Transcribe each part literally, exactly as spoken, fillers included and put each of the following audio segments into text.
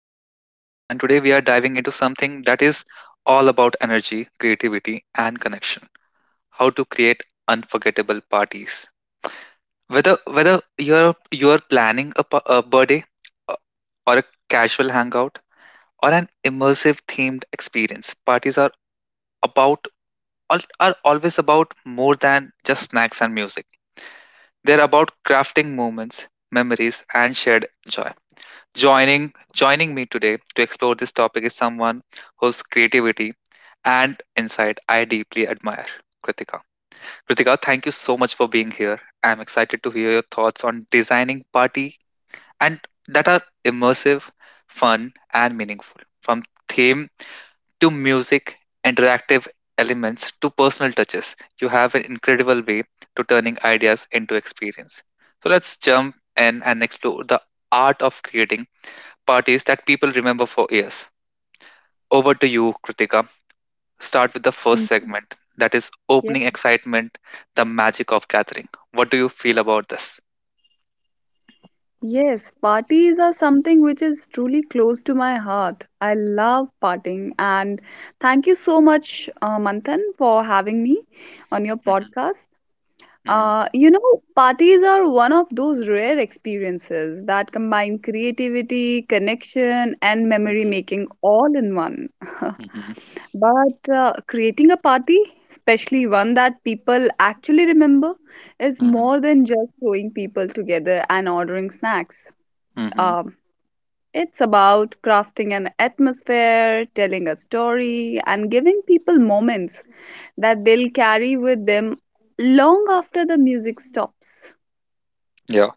I'm your host, Manthan, and today we are diving into something that is all about energy, creativity, and connection. How to create unforgettable parties. Whether whether you're you're planning a, pa- a birthday, uh, or a casual hangout, or an immersive themed experience, parties are about al- are always about more than just snacks and music. They're about crafting moments, memories, and shared joy. Joining joining me today to explore this topic is someone whose creativity and insight I deeply admire, Kritika. Kritika, thank you so much for being here. I'm excited to hear your thoughts on designing party and that are immersive, fun, and meaningful. From theme to music, interactive elements to personal touches, you have an incredible way to turning ideas into experience. So let's jump in and explore the art of creating parties that people remember for years. Over to you, Kritika. Start with the first Ye- segment, that is opening excitement, the magic of gathering. What do you feel about this? Yes, parties are something which is truly close to my heart. I love partying, and thank you so much, uh, Manthan, for having me on your Mhm, podcast. mhm, Uh, you know, parties are one of those rare experiences that combine creativity, connection, and memory mhm, making all in one. mhm, But uh, creating a party, especially one that people actually remember, is mhm, more than just throwing people together and ordering snacks. mhm. Um, it's about crafting an atmosphere, telling a story, and giving people moments that they'll carry with them long after the music stops. Yeah.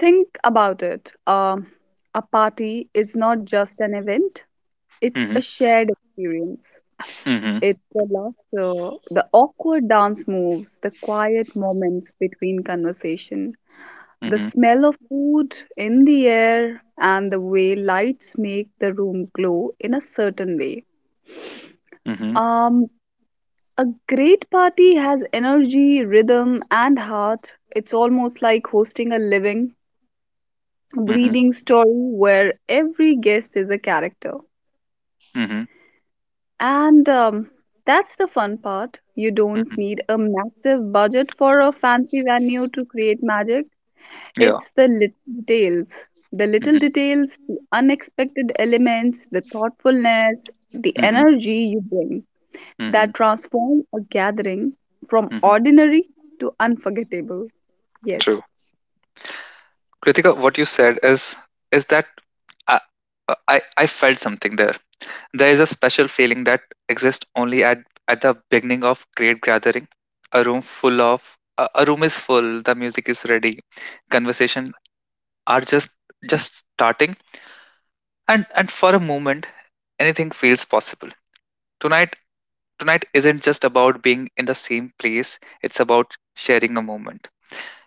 Think about it. Um a party is not just an event, it's a Mhm, shared experience. mhm, It's the laughter, the awkward dance moves, the quiet moments between conversation, the mhm, smell of food in the air, and the way lights make the room glow in a certain way. mhm, Um, A great party has energy, rhythm, and heart. It's almost like hosting a living, mhm, breathing story where every guest is a character. mhm, And um, that's the fun part. You don't mhm. need a massive budget for a fancy venue to create magic. Yeah. It's the little details. The little Mhm, details, the unexpected elements, the thoughtfulness, the mhm, energy you bring, that mhm, transform a gathering from mhm. ordinary to unforgettable. Yes. True. Kritika, what you said is is that I I, I felt something there. There is a special feeling that exists only at, at the beginning of great gathering. A room full of a a room is full, the music is ready, conversation are just just starting and and for a moment anything feels possible. Tonight tonight isn't just about being in the same place, it's about sharing a moment.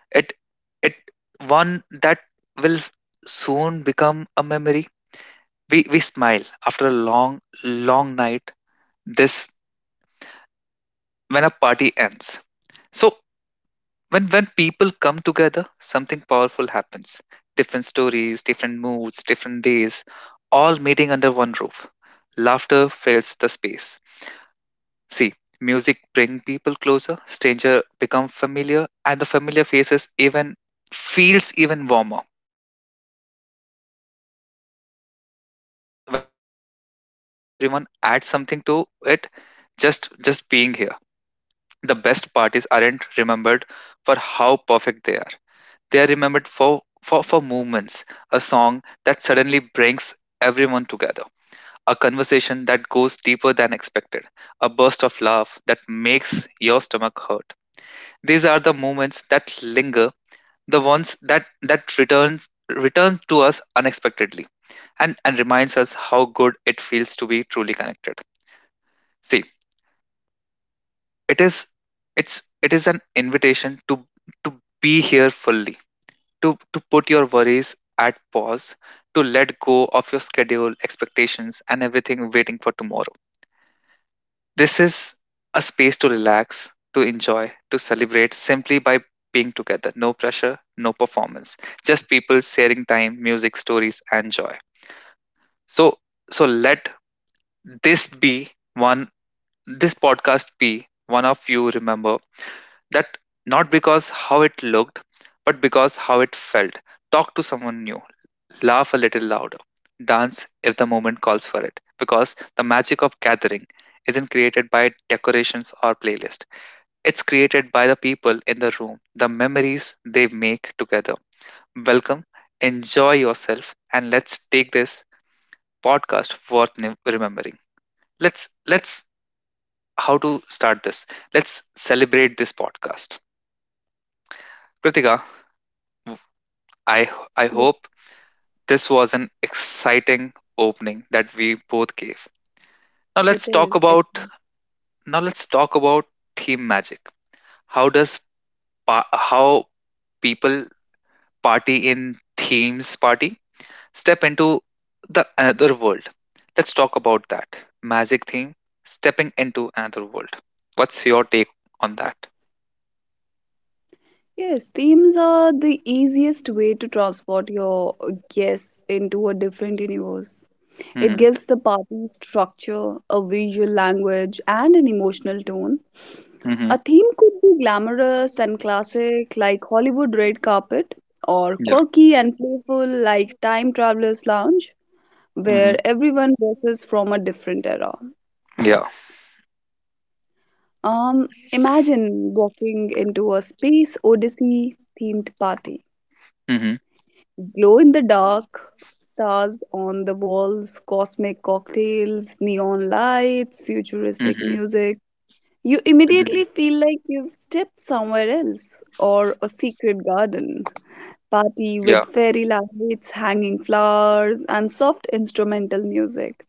It it one that will soon become a memory. We we smile after a long long night this when a party ends. So when when people come together, something powerful happens. Different stories, different moods, different days, all meeting under one roof. Laughter fills the space. See, music bring people closer, stranger become familiar, and the familiar faces even feels even warmer. This energy of true gathering, when when the room feels alive and everyone adds something to it, just just being here. The best parties aren't remembered for how perfect they are. They are remembered for, for, for moments, a song that suddenly brings everyone together, a conversation that goes deeper than expected, a burst of laugh that makes your stomach hurt. These are the moments that linger, the ones that, that returns return to us unexpectedly and, and reminds us how good it feels to be truly connected. See, it is it's it is an invitation to to be here fully, to to put your worries at pause, to let go of your schedule expectations and everything waiting for tomorrow. This is a space to relax, to enjoy, to celebrate simply by being together. No pressure, no performance, just people sharing time, music, stories, and joy. So so let this be one this podcast be one of you remember. That, not because how it looked, but because how it felt. Talk to someone new, laugh a little louder, dance if the moment calls for it. Because the magic of gathering isn't created by decorations or playlist. It's created by the people in the room, the memories they make together. Welcome, enjoy yourself, and let's take this podcast worth ne- remembering. Let's let's how to start this. Let's celebrate this podcast. Kritika, I I Yeah, hope this was an exciting opening that we both gave. Now it let's talk is. It about now let's talk about theme magic. How does pa- how people party in themes party step into the another world? Let's talk about that magic theme, stepping into another world. What's your take on that? Yes, themes are the easiest way to transport your guests into a different universe. It Mm-hmm. gives the party structure, a visual language, and an emotional tone. Mm-hmm. A theme could be glamorous and classic, like Hollywood red carpet, or Yeah. quirky and playful, like Time Traveler's Lounge, Mm-hmm. where everyone dresses from a different era. Yeah. Um, imagine walking into a space odyssey themed party. Mm-hmm. Glow in the dark, stars on the walls, cosmic cocktails, neon lights, futuristic Mm-hmm. music. You immediately Mm-hmm. feel like you've stepped somewhere else, or a secret garden. Party Yeah. with fairy lights, hanging flowers, and soft instrumental music.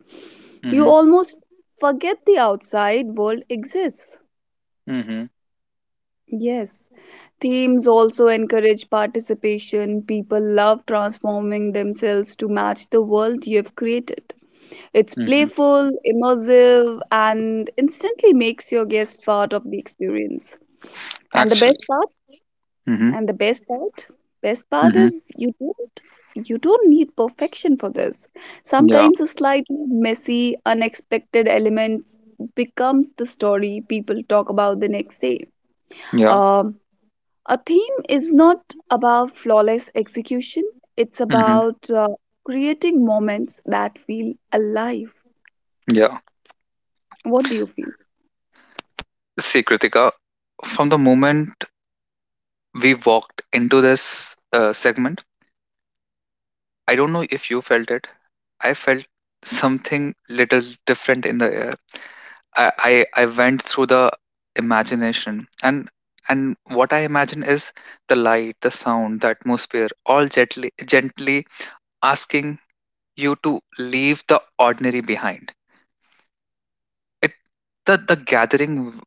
You Mm-hmm. almost forget the outside world exists. Mm-hmm. Yes, themes also encourage participation. People love transforming themselves to match the world you've created. It's Mm-hmm. playful, immersive, and instantly makes your guest part of the experience. And the Actually. best part, Mm-hmm. and the best part, best part Mm-hmm. is you don't you don't need perfection for this. Yeah. Sometimes a slightly messy, unexpected element becomes the story people talk about the next day. Yeah. Um a theme is not about flawless execution, it's hmm about uh, creating moments that feel alive. Yeah. What do you feel? See, Kritika, from the moment we walked into this uh, segment, I don't know if you felt it. I felt something little different in the air. I, I, I went through the imagination and and what I imagine is the light, the sound, the atmosphere, all gently gently asking you to leave the ordinary behind. It the, the gathering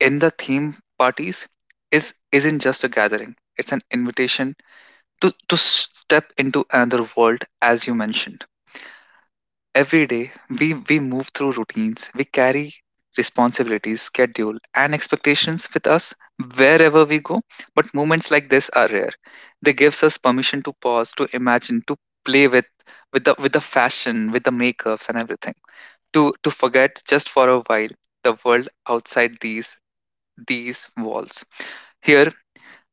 in the theme parties is isn't just a gathering. It's an invitation to to step into another world. As you mentioned, every day we we move through routines, we carry responsibilities, schedule, and expectations with us wherever we go. But moments like this are rare. They gives us permission to pause, to imagine, to play with with the with the fashion, with the makeups and everything, to to forget just for a while the world outside these these walls. Here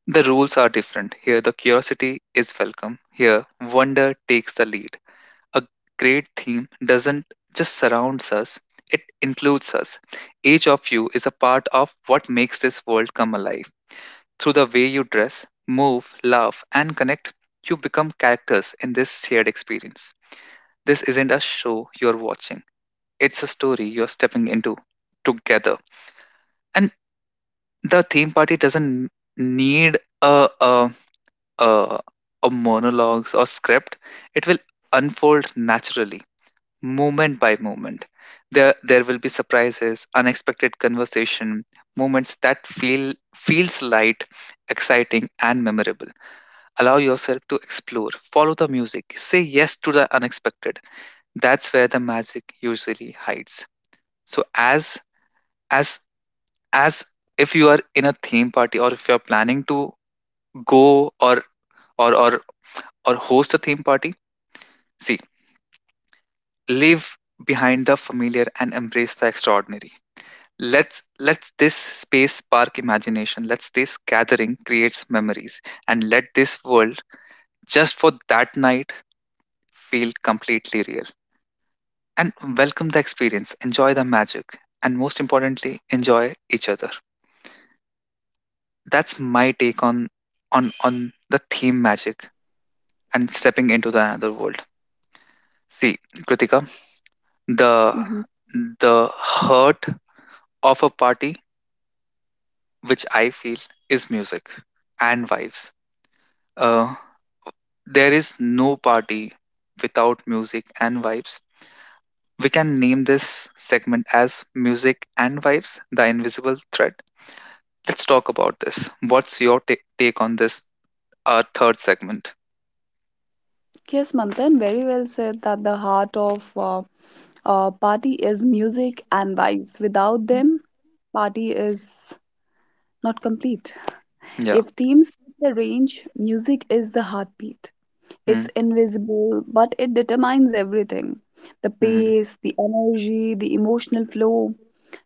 the rules are different. Here, the curiosity is welcome. Here, wonder takes the lead. A great theme doesn't just surrounds us, it includes us. Each of you is a part of what makes this world come alive. Through the way you dress, move, laugh, and connect, you become characters in this shared experience. This isn't a show you're watching, it's a story you're stepping into together. And the theme party doesn't need a, a uh, or monologues or script, it will unfold naturally, moment by moment. There, there will be surprises, unexpected conversation, moments that feel feels light, exciting, and memorable. Allow yourself to explore, follow the music, say yes to the unexpected. That's where the magic usually hides. So as as as if you are in a theme party or if you are planning to go or or or or host a theme party, see, leave behind the familiar and embrace the extraordinary. Let's let this space spark imagination, let's this gathering creates memories, and let this world, just for that night, feel completely real. And welcome the experience, enjoy the magic, and most importantly enjoy each other. That's my take on on on the theme magic and stepping into the another world. See, Kritika, the Hmm. the hurt of a party, which I feel, is music and vibes. Uh, there is no party without music and vibes. We can name this segment as Music and Vibes, the Invisible Thread. Let's talk about this. What's your ta- take on this? Our third segment? Yes, Manthan, very well said that the heart of uh, a party is music and vibes. Without them, party is not complete. Yeah. If themes set the range, music is the heartbeat. Mm-hmm. It's invisible, but it determines everything, the Mm-hmm. pace, the energy, the emotional flow.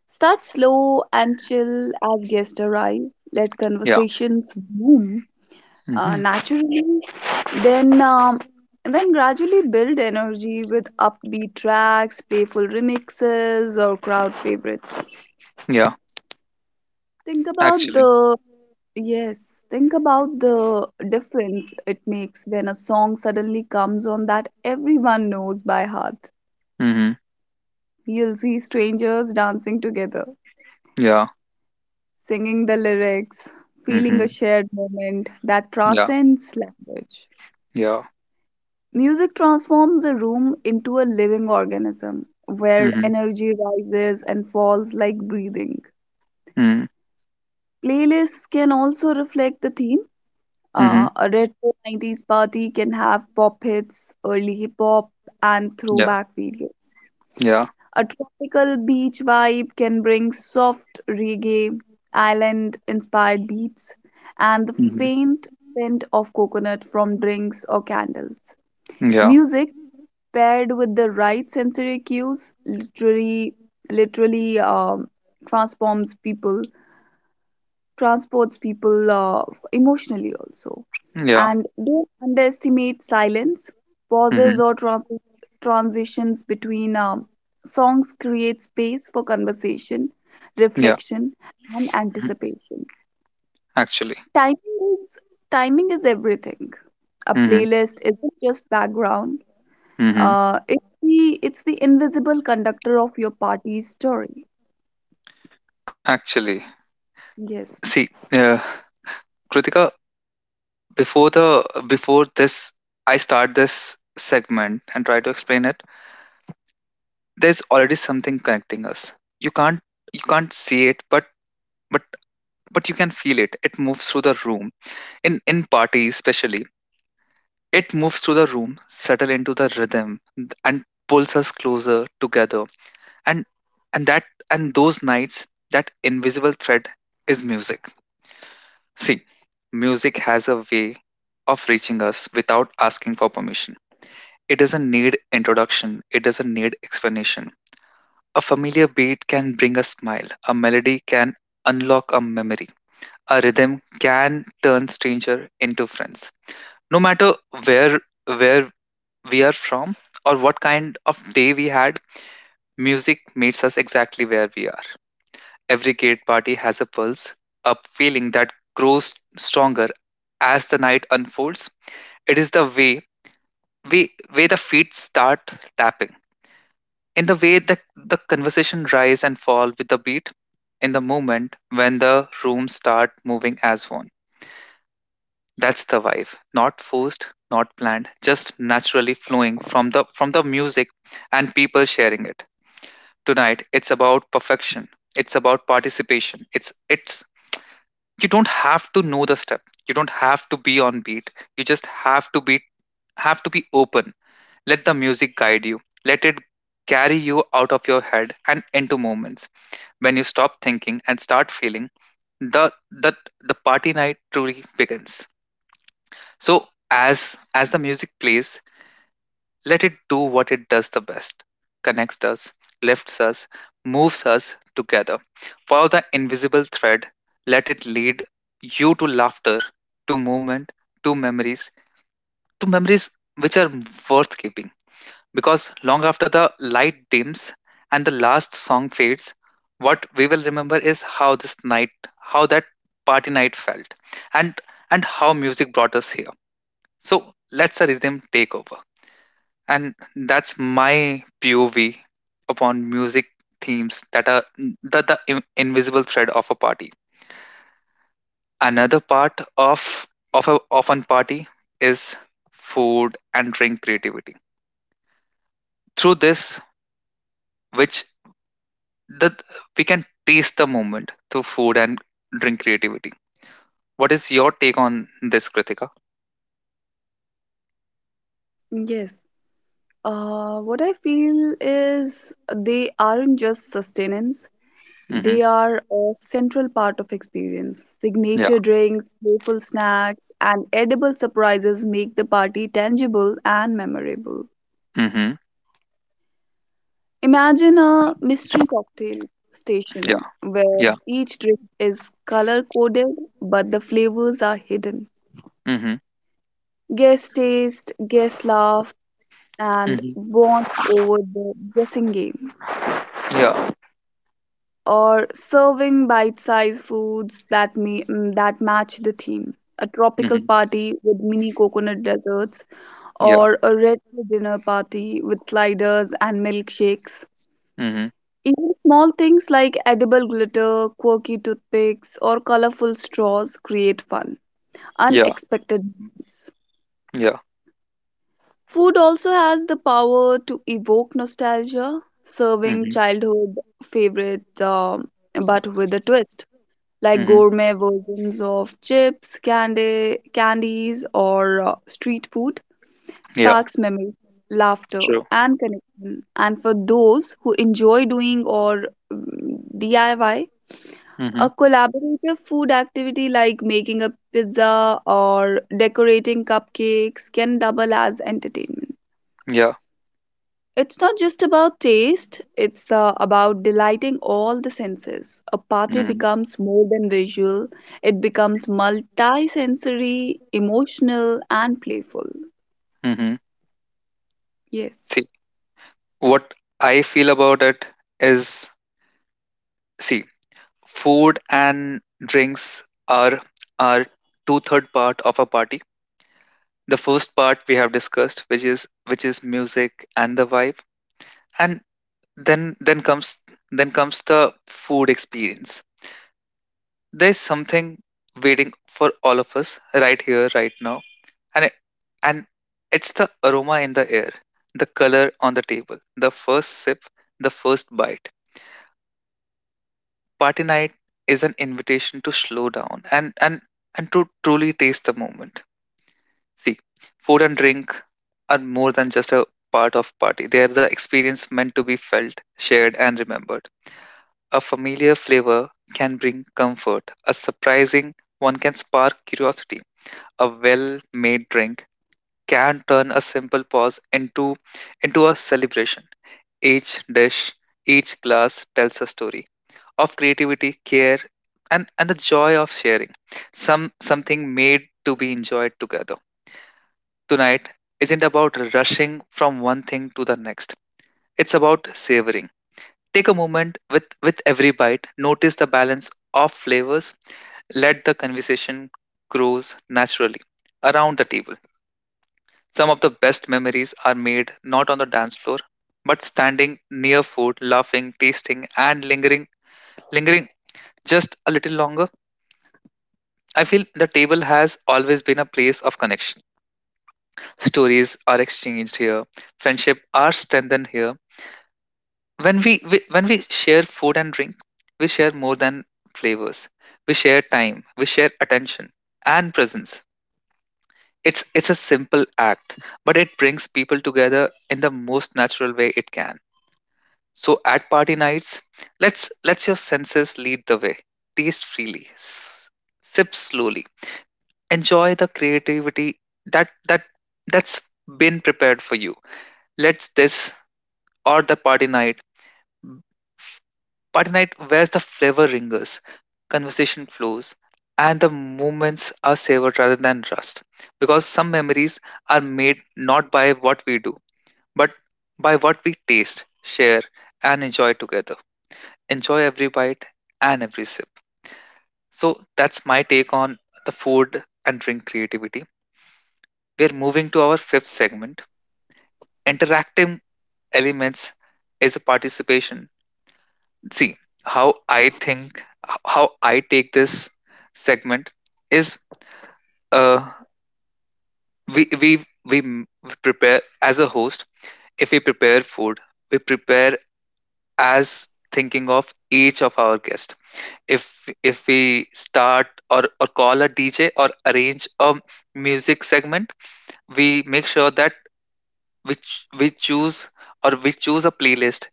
Start slow and chill as guests arrive. Let Yeah. conversations bloom uh, Mm-hmm. naturally. Then, um, then gradually build energy with upbeat tracks, playful remixes, or crowd favorites. Yeah. Think about Actually. the yes. Think about the difference it makes when a song suddenly comes on that everyone knows by heart. Mm-hmm. You'll see strangers dancing together, Yeah. singing the lyrics, feeling Mm-hmm. a shared moment that Yeah. transcends language. Yeah. Music transforms a room into a living organism where Mm-hmm. energy rises and falls like breathing. Mm-hmm. Playlists can also reflect the theme. Mm-hmm. Uh, a retro nineties party can have pop hits, early hip hop, and Yeah. throwback videos. Yeah. A tropical beach vibe can bring soft reggae, island inspired beats, and the Mm-hmm. faint scent of coconut from drinks or candles. Yeah. Music paired with the right sensory cues literally literally um, transforms people transports people uh, emotionally also. Yeah. And don't underestimate silence, pauses, Mm-hmm. or trans- transitions between um, songs create space for conversation, Yeah. reflection, and Mhm. anticipation. Actually. Timing is timing is everything. A Mhm, playlist isn't just background. Uh, mhm. it's the it's the invisible conductor of your party's story. Actually, Yes. see, uh, Kritika, before the before this, I start this segment and try to explain it. There's already something connecting us. You can't you can't see it, but but but you can feel it. It moves through the room. In in parties, especially, it moves through the room, settle into the rhythm, th- and pulls us closer together. And and that and those nights, that invisible thread is music. See, music has a way of reaching us without asking for permission. It doesn't need introduction, it doesn't need explanation. A familiar beat can bring a smile, a melody can unlock a memory, a rhythm can turn stranger into friends. No matter where where we are from or what kind of day we had, music meets us exactly where we are. Every great party has a pulse, a feeling that grows stronger as the night unfolds. It is the way, way, way the feet start tapping, in the way that the conversation rise and fall with the beat, in the moment when the room start moving as one. That's the vibe, not forced, not planned, just naturally flowing from the from the music and people sharing it. Tonight, it's about perfection. It's about participation. It's it's you don't have to know the step. You don't have to be on beat. You just have to be have to be open. Let the music guide you. Let it carry you out of your head and into moments when you stop thinking and start feeling. The the the party night truly begins. So as as the music plays, let it do what it does the best. Connects us, lifts us, moves us together. Follow the invisible thread. Let it lead you to laughter, to movement, to memories, to memories which are worth keeping. Because long after the light dims and the last song fades, what we will remember is how this night, how that party night felt, and and how music brought us here. So let's a rhythm take over, and that's my P O V upon music themes that are that the in- invisible thread of a party. Another part of of a of an party is food and drink creativity. Through this, which that we can taste the moment through food and drink creativity. What is your take on this, Kritika? Yes. Uh, what I feel is they aren't just sustenance, Mm-hmm. they are a central part of experience. Yeah. Signature drinks, playful snacks, and edible surprises make the party tangible and memorable. Mm-hmm. Imagine a mystery cocktail Yeah. station where Yeah. each drink is color coded but the flavors are hidden. Mm-hmm. Guests taste, guests laugh, and Mm-hmm. bond over the guessing game, Yeah. or serving bite-sized foods that may, mm, that match the theme. A tropical Mm-hmm. party with mini coconut desserts, Yeah. or a retro dinner party with sliders and milkshakes. Mm-hmm. Even small things like edible glitter, quirky toothpicks, or colorful straws create fun, Yeah. unexpected moments. Yeah. Food also has the power to evoke nostalgia, serving Mm-hmm. childhood favorites um, but with a twist, like Mm-hmm. gourmet versions of chips, candy, candies, or uh, street food, Yeah. sparks memories, laughter, True. and connection. And for those who enjoy doing or mm, D I Y, Mm-hmm. a collaborative food activity like making a pizza or decorating cupcakes can double as entertainment. Yeah. It's not just about taste, it's uh, about delighting all the senses. A party Mm-hmm. becomes more than visual, it becomes multi sensory, emotional, and playful. Mm-hmm. Yes. See, what I feel about it is, see, food and drinks are are two third part of a party. The first part we have discussed, which is which is music and the vibe, and then then comes then comes the food experience. There's something waiting for all of us right here right now. And it, and it's the aroma in the air, the color on the table, the first sip, the first bite. Party night is an invitation to slow down and and and to truly taste the moment. See, food and drink are more than just a part of party. They are the experience meant to be felt, shared and remembered. A familiar flavor can bring comfort. A surprising one can spark curiosity. A well-made drink can turn a simple pause into into a celebration. Each dish, each glass tells a story of creativity, care and, and the joy of sharing. Some something made to be enjoyed together tonight isn't about rushing from one thing to the next. It's about savoring. Take a moment with, with every bite, notice the balance of flavors, let the conversation grows naturally around the table. Some of the best memories are made not on the dance floor, but standing near food, laughing, tasting, and lingering lingering just a little longer. I feel the table has always been a place of connection. Stories are exchanged here, friendship are strengthened here. When we, we when we share food and drink, we share more than flavors, we share time, we share attention and presence. It's it's a simple act, but it brings people together in the most natural way it can. So at party nights, let's let your senses lead the way, taste freely, s- sip slowly, enjoy the creativity that that that's been prepared for you. Let this or the party night. Party night wears the flavor ringers, conversation flows, and the moments are savored rather than rust. Because some memories are made not by what we do, but by what we taste, share, and enjoy together. Enjoy every bite and every sip. So that's my take on the food and drink creativity. We're moving to our fifth segment. Interactive elements is a participation. See, how I think, how I take this segment is, uh we we we m- prepare as a host. If we prepare food, we prepare as thinking of each of our guests. if if we start or or call a DJ or arrange a music segment, we make sure that which we ch- we choose or we choose a playlist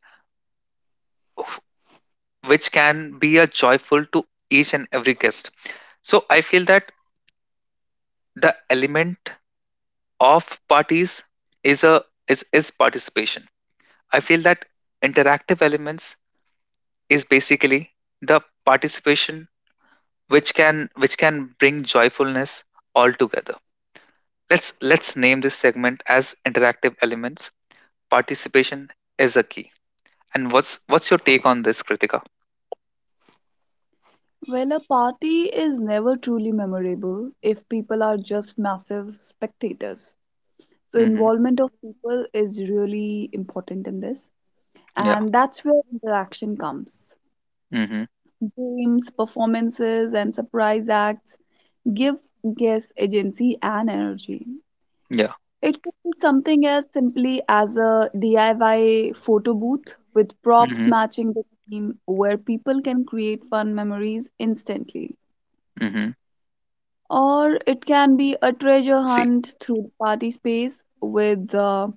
of- which can be a joyful to each and every guest. So I feel that the element of parties is a is is participation. I feel that interactive elements is basically the participation which can which can bring joyfulness all together. Let's let's name this segment as interactive elements. Participation is a key. And what's what's your take on this, Kritika? Well, a party is never truly memorable if people are just massive spectators. So, Mhm. involvement of people is really important in this, Yeah. and that's where interaction comes. Mhm. Games, performances, and surprise acts give guests agency and energy. Yeah. It could be something as simply as a D I Y photo booth with props Mhm. matching the theme where people can create fun memories instantly. Mhm. Or it can be a treasure See. hunt through the party space with uh,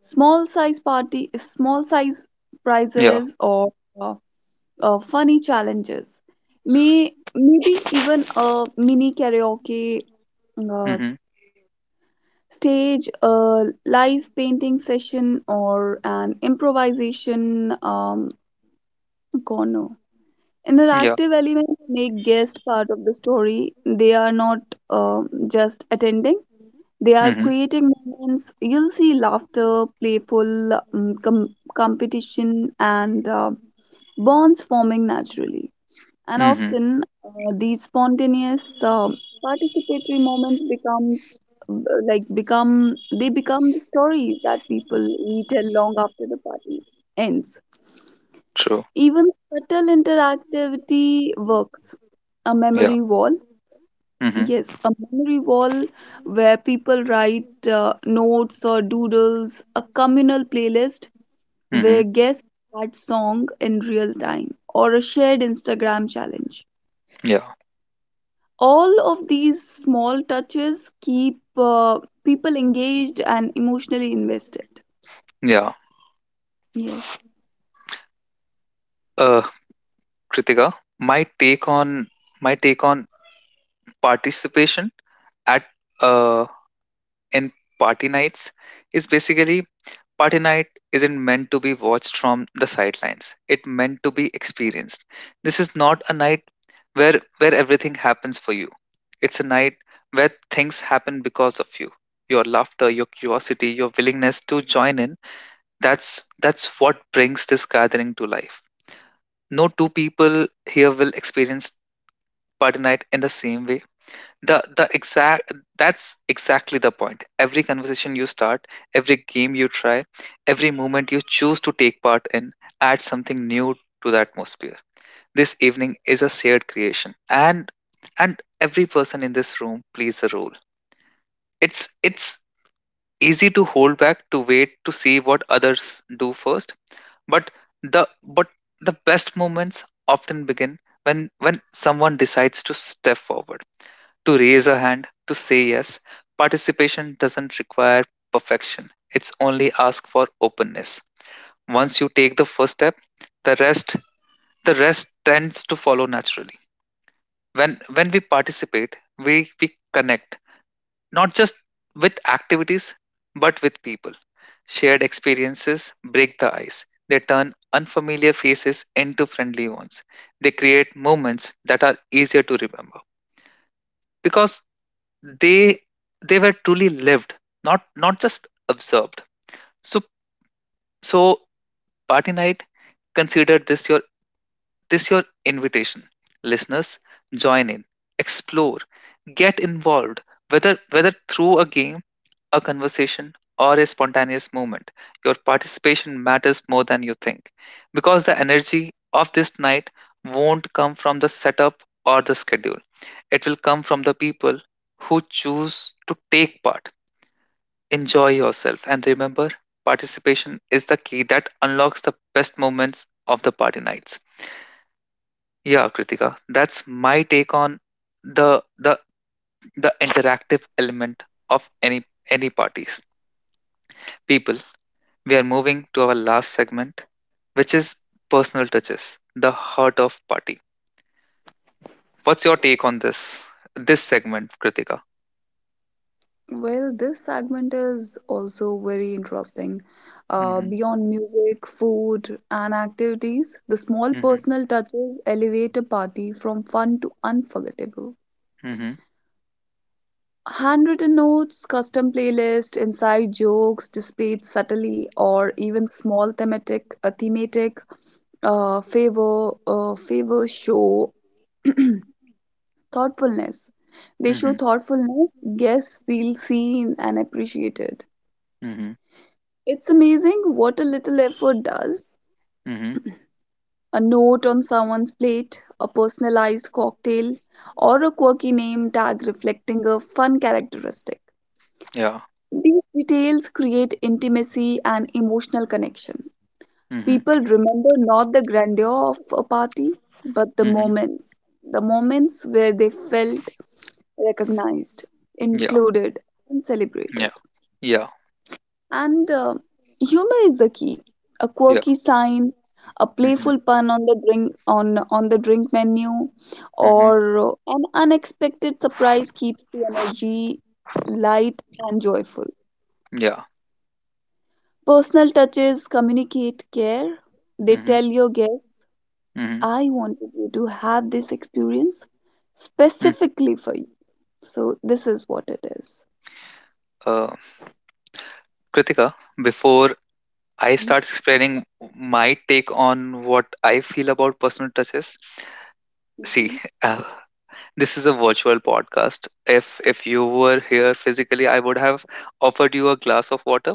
small size party, small size Yeah. prizes or uh, uh, funny challenges. May maybe even a mini karaoke uh, Mhm. stage, a live painting session, or an improvisation um, corner. Yeah. Interactive elements make guests part of the story. They are not um, just attending, they are Mhm. creating moments. You'll see laughter, playful um, com- competition, and uh, bonds forming naturally, and Mhm. often uh, these spontaneous uh, participatory moments becomes uh, like become they become the stories that people retell long after the party ends. True. Even subtle interactivity works, a Yeah. memory wall. Mhm. Yes, a memory wall where people write uh, notes or doodles, a communal playlist where Mhm. guests add song in real time, or a shared Instagram challenge. Yeah. All of these small touches keep uh, people engaged and emotionally invested. Yeah. Yes. uh, Kritika, my take on my take on participation at uh, in party nights is basically, party night isn't meant to be watched from the sidelines. It meant to be experienced. This is not a night where where everything happens for you. It's a night where things happen because of you. Your laughter, your curiosity, your willingness to join in. That's that's what brings this gathering to life. No two people here will experience Pardonite in the same way. The the exact That's exactly the point. Every conversation you start, every game you try, every moment you choose to take part in adds something new to the atmosphere. This evening is a shared creation. And and every person in this room plays a role. It's it's easy to hold back, to wait to see what others do first, but the but the best moments often begin when when someone decides to step forward, to raise a hand, to say yes. Participation doesn't require perfection, it's only ask for openness. Once you take the first step, the rest the rest tends to follow naturally. When when we participate, we, we connect not just with activities but with people. Shared experiences break the ice. They turn unfamiliar faces into friendly ones. They create moments that are easier to remember. Because they they were truly lived, not not just observed. So so party night, consider this your this your invitation. Listeners, join in, explore, get involved, whether whether through a game, a conversation, or a spontaneous movement. Your participation matters more than you think, because the energy of this night won't come from the setup or the schedule. It will come from the people who choose to take part. Enjoy yourself and remember, participation is the key that unlocks the best moments of the party nights. Yeah, Kritika, that's my take on the the the interactive element of any any parties. People, we are moving to our last segment, which is personal touches, the heart of party. What's your take on this this segment, Kritika? Well, this segment is also very interesting. Uh, hmm. Beyond music, food, and activities, the small Hmm. personal touches elevate a party from fun to unforgettable. Hmm. Handwritten notes, custom playlists, inside jokes displayed subtly, or even small thematic, uh, thematic uh, favor, uh, favor show thoughtfulness. They show Hmm. thoughtfulness, guests feel seen and appreciated. Hmm. It's amazing what a little effort does. Hmm. A note on someone's plate, a personalized cocktail, or a quirky name tag reflecting a fun characteristic. Yeah. These details create intimacy and emotional connection. Hmm. People remember not the grandeur of a party, but the Mhm. moments, the moments where they felt recognized, Yeah. included, and Yeah. celebrated. Yeah. And uh, humor is the key. A Yeah. quirky sign, a Mhm. playful pun on the drink on on the drink menu, Mhm. or uh, an unexpected surprise keeps the energy light and joyful. Yeah. Personal touches communicate care. They Mhm. tell your guests, Mhm. "I wanted you to have this experience Mm. specifically for you." So this is what it is. Uh, Kritika, before I start explaining my take on what I feel about personal touches, see, Mhm. uh, this is a virtual podcast. If if you were here physically, I would have offered you a glass of water.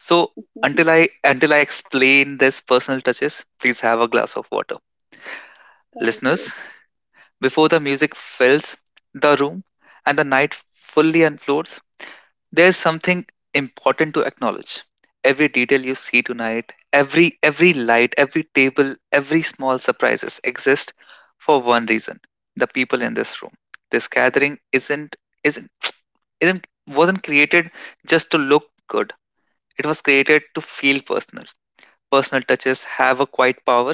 So until I until I explain this personal touches, please have a glass of water. Thank Listeners, you. before the music fills the room and the night fully unfolds, there's something important to acknowledge. Every detail you see tonight, every every light, every table, every small surprises exist for one reason. The people in this room. This gathering isn't isn't isn't wasn't created just to look good. It was created to feel personal. Personal touches have a quiet power.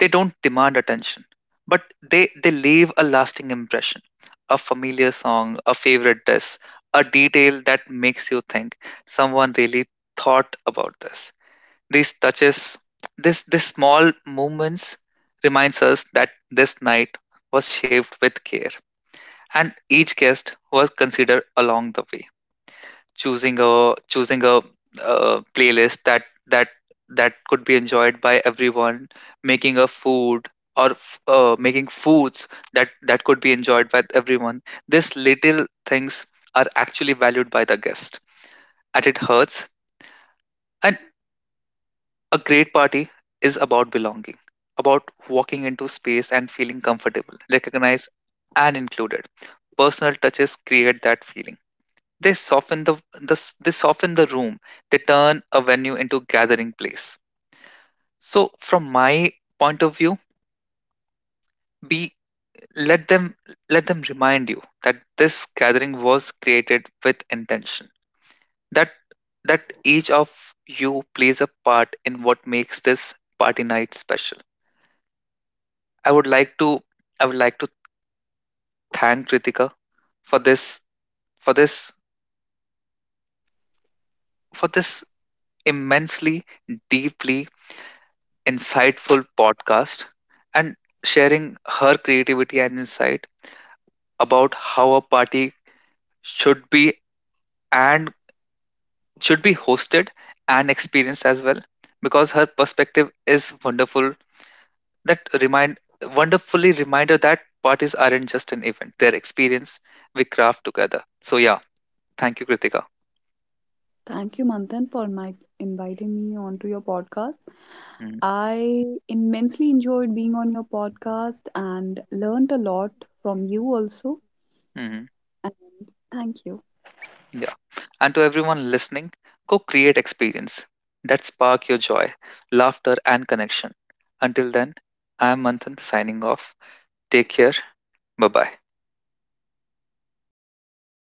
They don't demand attention, but they, they leave a lasting impression. A familiar song, a favorite dish, a detail that makes you think someone really thought about this. These touches, this these small movements reminds us that this night was shaped with care and each guest was considered along the way, choosing a choosing a uh, playlist that that that could be enjoyed by everyone, making a food or f- uh, making foods that that could be enjoyed by everyone. These little things are actually valued by the guest at its hearts. And a great party is about belonging, about walking into space and feeling comfortable, recognized and included. Personal touches create that feeling. They soften the, the they soften the room. They turn a venue into a gathering place. So from my point of view, be let them let them remind you that this gathering was created with intention. That that each of you plays a part in what makes this party night special. I would like to I would like to thank Kritika for this for this for this immensely deeply insightful podcast, and sharing her creativity and insight about how a party should be and should be hosted and experienced as well, because her perspective is wonderful. That remind Wonderfully reminder that parties aren't just an event, they're experience we craft together. So yeah, thank you, Kritika. Thank you, Manthan, for my inviting me onto your podcast. Mm-hmm. I immensely enjoyed being on your podcast and learned a lot from you also. Mm-hmm. And thank you. Yeah. And to everyone listening, go create experience that spark your joy, laughter, and connection. Until then, I am Manthan signing off. Take care. Bye bye.